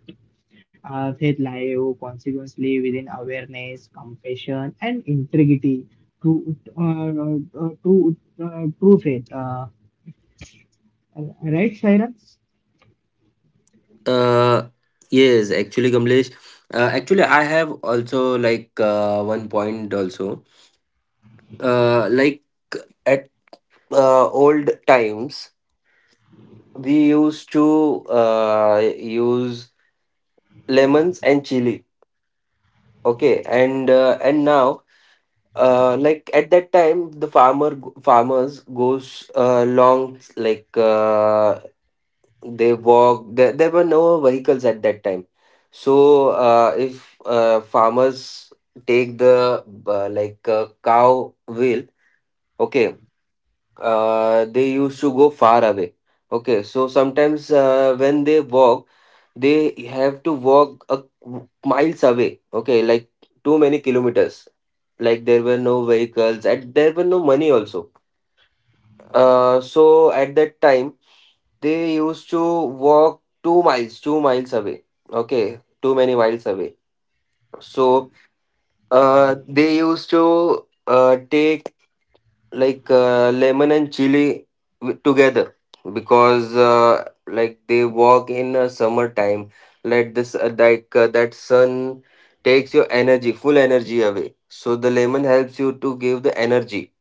Uh, Faith Live, consequently within awareness, compassion, and integrity. True, uh, uh, true, true faith. Right, Cyrus?
Uh, yes, actually, Kamlesh, actually, I have also like one point also. Like at old times, we used to use lemons and chili. Okay, and now like at that time the farmers goes long like they walk there, there were no vehicles at that time. So if farmers take the like cow wheel, okay, they used to go far away. Okay, so sometimes when they walk, they have to walk a, miles away. Okay, like too many kilometers. Like there were no vehicles, and there were no money also. So at that time, they used to walk 2 miles, 2 miles, away. Okay, too many miles away. So they used to take like lemon and chili together, because like they walk in a summertime. Let this like that sun takes your energy, full energy away, so the lemon helps you to give the energy.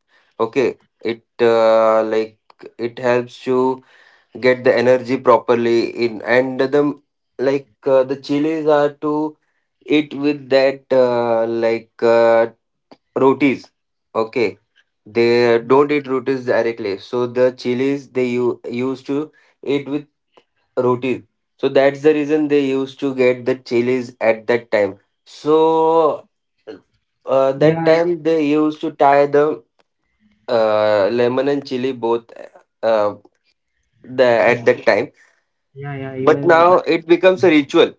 Okay, it like it helps you get the energy properly in. And the like the chilies are to eat with that like rotis. Okay, they don't eat rotis directly, so the chilies they used to eat with roti. So that's the reason they used to get the chilies at that time. So that
Yeah,
time they used to tie the lemon and chili both, uh, the
yeah,
at that time.
yeah, yeah. You
But
were,
now
correct.
it becomes a ritual,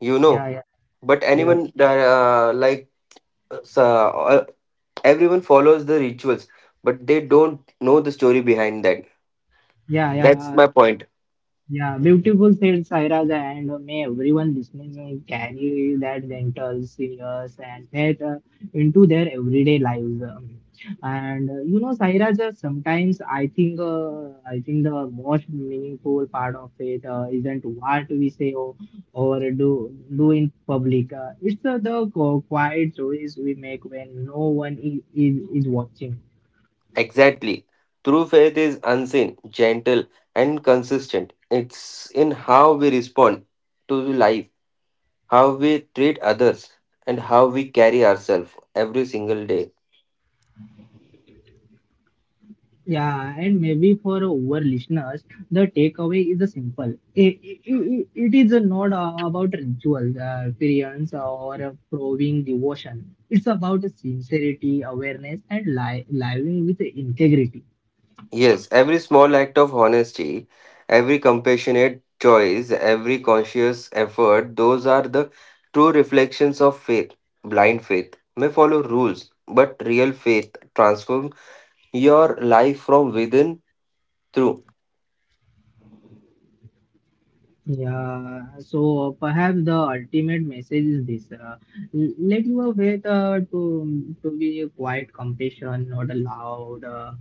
you know.
Yeah, yeah,
But
yeah,
anyone like uh, everyone follows the rituals, but they don't know the story behind that.
yeah,
That's my
yeah.
point.
Yeah, beautiful said Sairaj, and may everyone listening carry that gentle, serious, and that into their everyday lives. And you know, Sairaj, sometimes I think the most meaningful part of it isn't what we say or do in public. It's the quiet choice we make when no one is watching.
Exactly. True faith is unseen, gentle, and consistent. It's in how we respond to life, how we treat others, and how we carry ourselves every single day.
Yeah, and maybe for our listeners, the takeaway is a simple. It is not about ritual, experience, or proving devotion. It's about sincerity, awareness, and living with integrity.
Yes, every small act of honesty, every compassionate choice, every conscious effort, those are the true reflections of faith. Blind faith may follow rules, but real faith transforms your life from within through.
Yeah, so perhaps the ultimate message is this. Let your faith to be a quiet compassion, not a loud uh,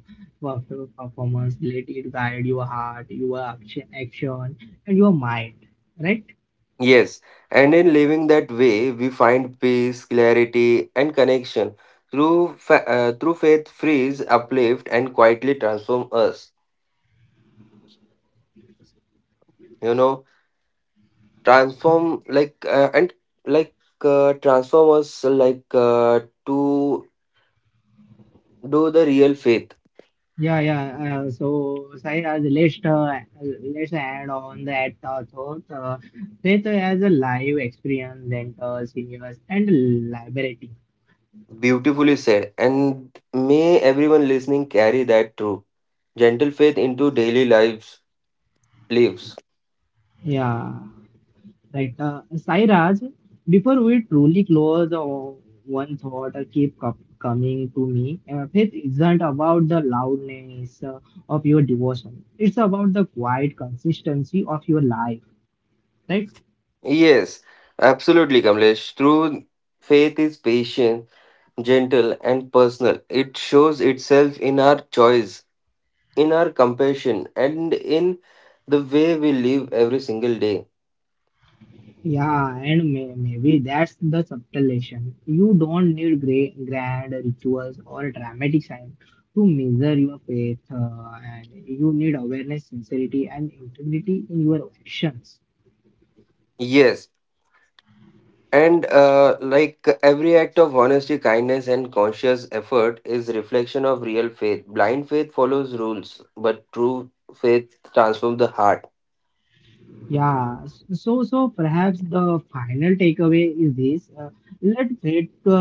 perf- performance. Let it guide your heart, your action and your mind. Right?
Yes, and in living that way, we find peace, clarity, and connection. Through faith, frees, uplift, and quietly transform us. You know. Transform like and like transform us like to do the real faith.
Yeah, yeah. So, Sai, let's add on that thought. Faith as a live experience, then enters, universe, and liberating.
Beautifully said, and may everyone listening carry that through gentle faith into daily lives.
Yeah. Right. Sai Raj, before we truly close, one thought keep coming to me. Faith isn't about the loudness of your devotion. It's about the quiet consistency of your life. Right?
Yes, absolutely, Kamlesh, true faith is patient, gentle and personal. It shows itself in our choice, in our compassion, and in the way we live every single day.
Yeah, and maybe that's the subtle lesson. You don't need grand rituals or dramatic sign to measure your faith, and you need awareness, sincerity, and integrity in your actions.
Yes. And like every act of honesty, kindness, and conscious effort is reflection of real faith. Blind faith follows rules, but true faith transforms the heart.
Yeah, so so perhaps the final takeaway is this: let faith uh,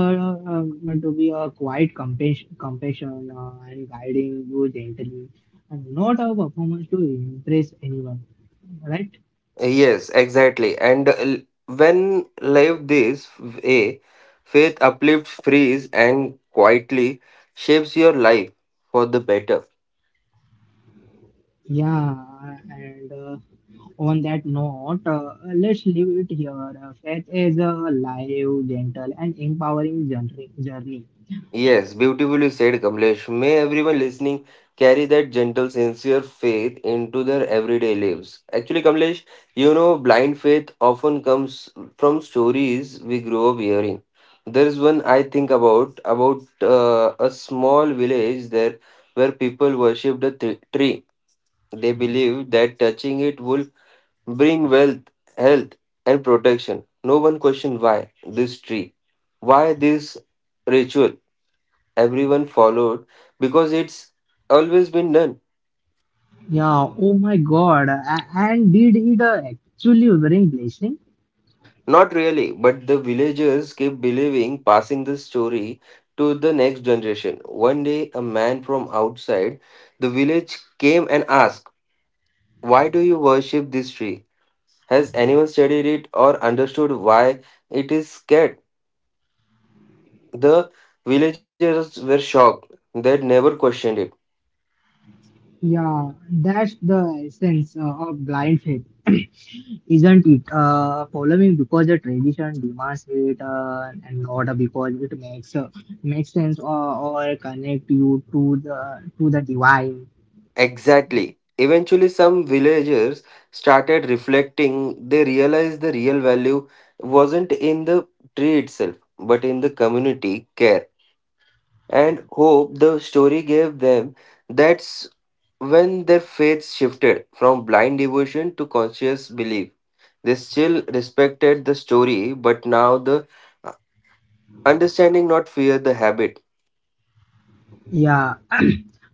uh, to be a quiet compassion, and guiding you gently, and not a performance to impress anyone, right?
Yes, exactly. When lived this way, faith uplifts, frees, and quietly shapes your life for the better.
Yeah, and on that note, let's leave it here. Faith is a live, gentle, and empowering journey.
Yes, beautifully said, Kamlesh. May everyone listening carry that gentle, sincere faith into their everyday lives. Actually, Kamlesh, you know, blind faith often comes from stories we grow up hearing. There's one I think about a small village there where people worship the tree. They believe that touching it will bring wealth, health, and protection. No one questioned why this tree, why this ritual. Everyone followed because it's always been done.
Yeah, oh my God, and did it actually bring blessing?
Not really, but the villagers kept believing, passing the story to the next generation. One day, a man from outside the village came and asked, why do you worship this tree? Has anyone studied it or understood why it is scared? The villagers were shocked. They'd never questioned it.
Yeah, that's the essence of blind faith, isn't it? Following because the tradition demands it, and not because it makes makes sense or connect you to the divine.
Exactly. Eventually, some villagers started reflecting. They realized the real value wasn't in the tree itself, but in the community care and hope the story gave them. That's when their faith shifted from blind devotion to conscious belief. They still respected the story, but now the understanding, not fear, the habit.
Yeah,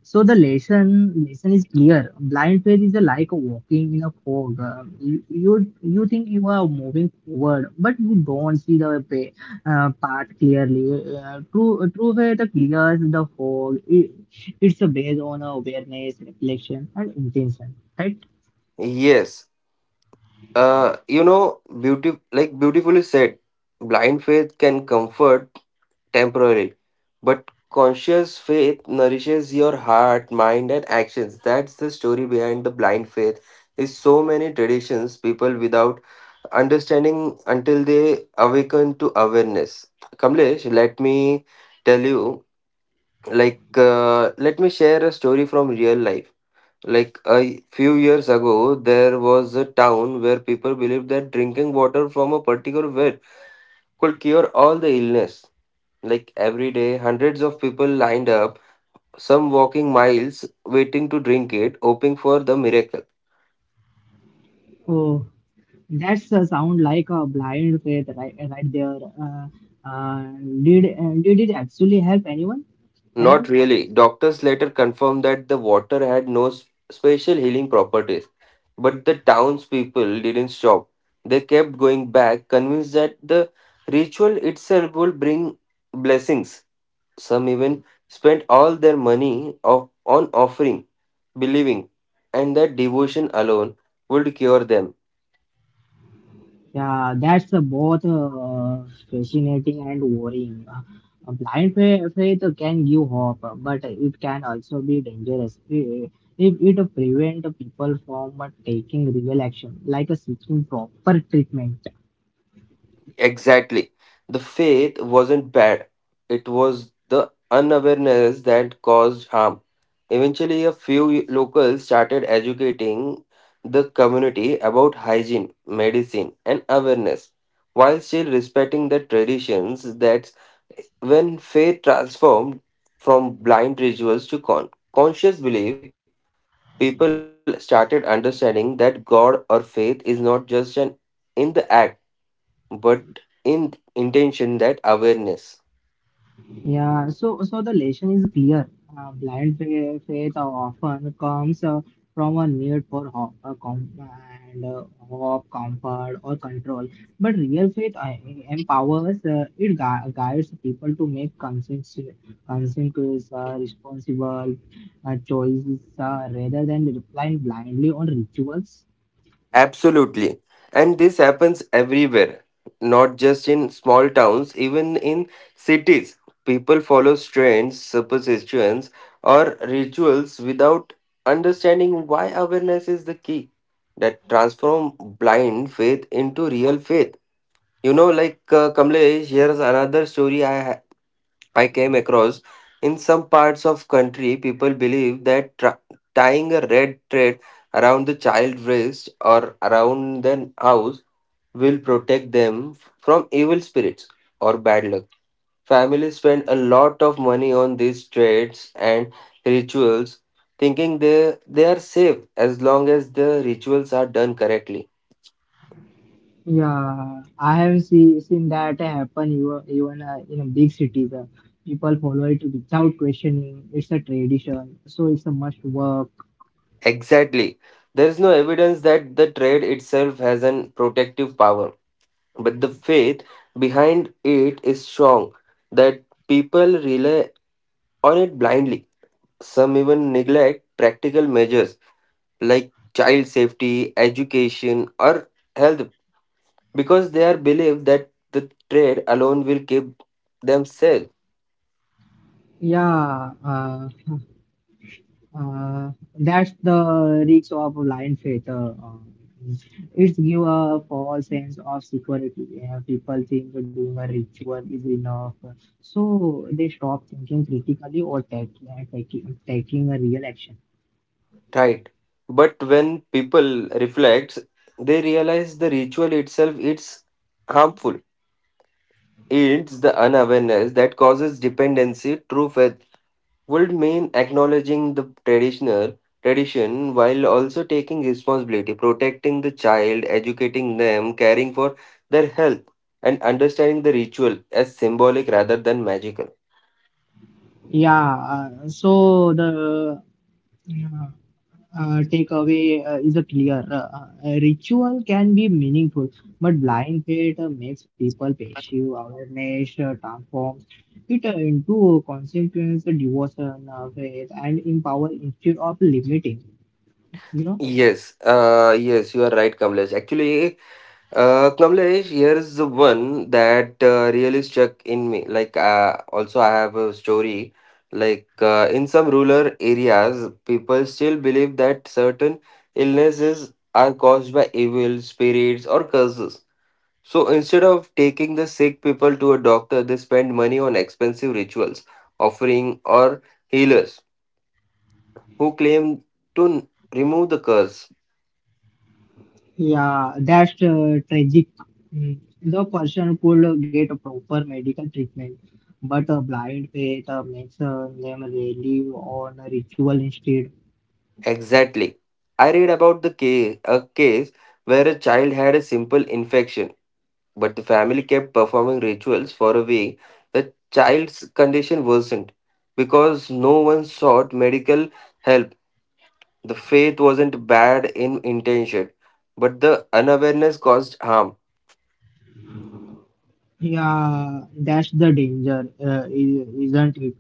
so the lesson is clear. Blind faith is like walking in a fog. You think you are moving forward, but you don't see the path clearly. True faith clears the fog. It, it's based on awareness, reflection, and intention. Right?
Yes. You know, beauty like beautifully said, blind faith can comfort temporary, but conscious faith nourishes your heart, mind, and actions. That's the story behind the blind faith. Is so many traditions people without understanding until they awaken to awareness. Kamlesh, let me tell you, like, let me share a story from real life. Like a few years ago, there was a town where people believed that drinking water from a particular well could cure all the illness. Like every day, hundreds of people lined up, some walking miles waiting to drink it, hoping for the miracle.
Oh, that's sound like a blind faith right there. Uh, uh, did it actually help anyone? Cyrus?
Not really. Doctors later confirmed that the water had no special healing properties. But the townspeople didn't stop. They kept going back, convinced that the ritual itself would bring blessings. Some even spent all their money of, on offering, believing, and that devotion alone would cure them.
Yeah, that's both fascinating and worrying. Faith can give hope, but it can also be dangerous if it prevent people from taking real action, like seeking proper treatment.
Exactly. The faith wasn't bad, it was the unawareness that caused harm. Eventually, a few locals started educating the community about hygiene, medicine, and awareness, while still respecting the traditions that when faith transformed from blind rituals to conscious belief, people started understanding that God or faith is not just an in the act, but in intention that awareness.
Yeah, so so the lesson is clear. Uh, blind faith often comes from a need for hope, com- and hope, comfort, or control. But real faith empowers. It guides people to make conscientious, responsible choices rather than relying blindly on rituals.
Absolutely. And this happens everywhere, not just in small towns, even in cities. People follow trends, superstitions, or rituals without understanding why awareness is the key that transform blind faith into real faith. You know, Kamlesh, here's another story I came across in some parts of country people believe that tying a red thread around the child's wrist or around the house will protect them from evil spirits or bad luck. Families spend a lot of money on these threads and rituals thinking they are safe as long as the rituals are done correctly.
Yeah, I have seen that happen even in a big cities. People follow it without questioning. It's a tradition, so it's a must work.
Exactly. There is no evidence that the thread itself has an protective power but the faith behind it is strong that people rely on it blindly. Some even neglect practical measures like child safety, education, or health because they are believed that the trade alone will keep themselves
Yeah, uh, that's the risk of blind faith. Uh, it's give a false sense of security. People think doing a ritual is enough, so they stop thinking critically or taking a real action.
tight. But when people reflect, they realize the ritual itself is harmful. It's the unawareness that causes dependency. True would mean acknowledging the traditional tradition while also taking responsibility, protecting the child, educating them, caring for their health, and understanding the ritual as symbolic rather than magical.
Yeah, so the Yeah, takeaway is a clear a ritual can be meaningful, but blind faith makes people passive, awareness transforms it into consequence, devotion, faith, and empower instead of limiting. You know,
Yes, yes, you are right, Kamlesh. Actually, Kamlesh, here's the one that really stuck in me. Like, also, I have a story. Like, in some rural areas, people still believe that certain illnesses are caused by evil spirits or curses. So, instead of taking the sick people to a doctor, they spend money on expensive rituals, offering, or healers who claim to remove the curse.
yeah, that's tragic. Mm. The person could get a proper medical treatment, but blind faith makes them relieve on a ritual instead.
Exactly. I read about a case where a child had a simple infection, but the family kept performing rituals for a week. The child's condition worsened because no one sought medical help. The faith wasn't bad in intention, but the unawareness caused harm.
Yeah, that's the danger, isn't it?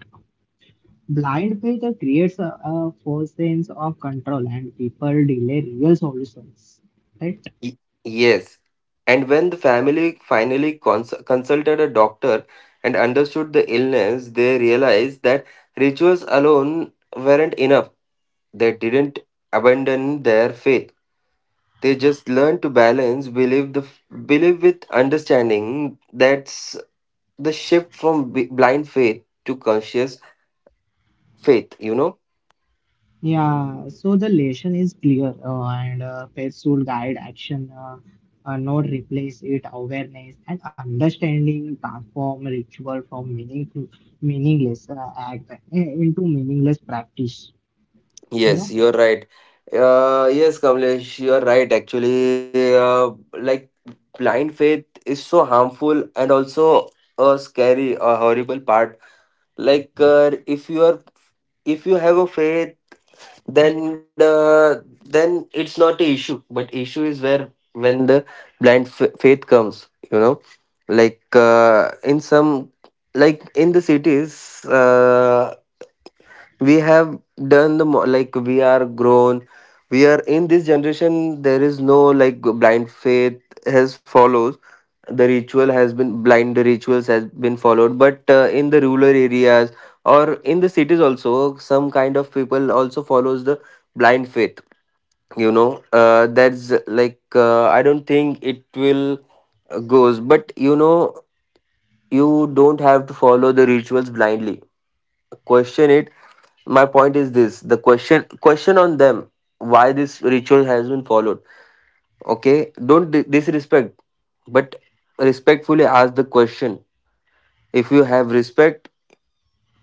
Blind faith creates a false sense of control and people delay real solutions, right?
Y- Yes. And when the family finally consulted a doctor and understood the illness, they realized that rituals alone weren't enough. They didn't abandon their faith. They just learned to balance believe with understanding. That's the shift from blind faith to conscious faith. You know.
Yeah, so the lesson is clear and faith should guide action, not replace it. Awareness and understanding transform ritual from meaningful, meaningless act into meaningless practice, you
Yes,
know?
you're right. Yes, Kamlesh, you're right. Actually, like blind faith is so harmful and also a scary, a horrible part. Like, if you have a faith, then then it's not a issue. But issue is where when the blind faith comes, you know, like uh, in some, like in the cities. We have done the like we are in this generation. There is no like blind faith has follows the ritual has been blind, the rituals has been followed, but in the rural areas or in the cities also some kind of people also follows the blind faith, you know. That's like I don't think it will goes, but you know, you don't have to follow the rituals blindly, question it. My point is this, the question on them, why this ritual has been followed. Okay, don't disrespect, but respectfully ask the question. If you have respect,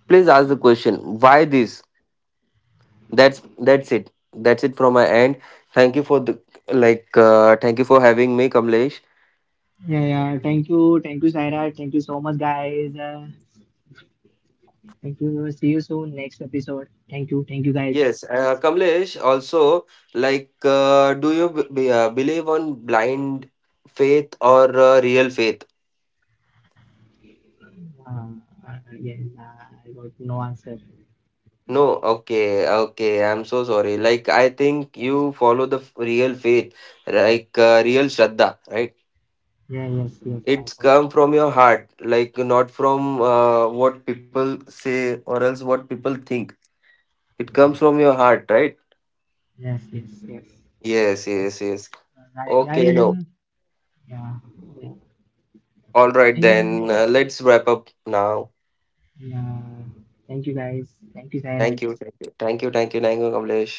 please ask the question, why this. That's it. From my end. Thank you for the thank you for having me, Kamlesh.
Yeah, yeah. Thank you. Thank you, Saira. Thank you so much, guys. Thank you. See you soon next episode. Thank you. Thank you guys.
Yes, Kamlesh also, like, do you believe on blind faith or real faith?
Uh, yeah, I got no answer.
No, okay, okay. I'm so sorry. Like, I think you follow the real faith, like real Shraddha, right?
Yeah, yes, yes, I
It's
got.
come from your heart, like not from what people say or else what people think. It comes from your heart, right?
Yes, yes, yes.
Yes, yes, yes.
Guys,
Okay,
guys,
no.
yeah, yeah.
All
Thank
right,
you.
then. Let's wrap up now.
Yeah. Thank you guys. Thank you, Sairaj.
Thank you. Thank you. Thank you. Thank you, thank you, Kamlesh.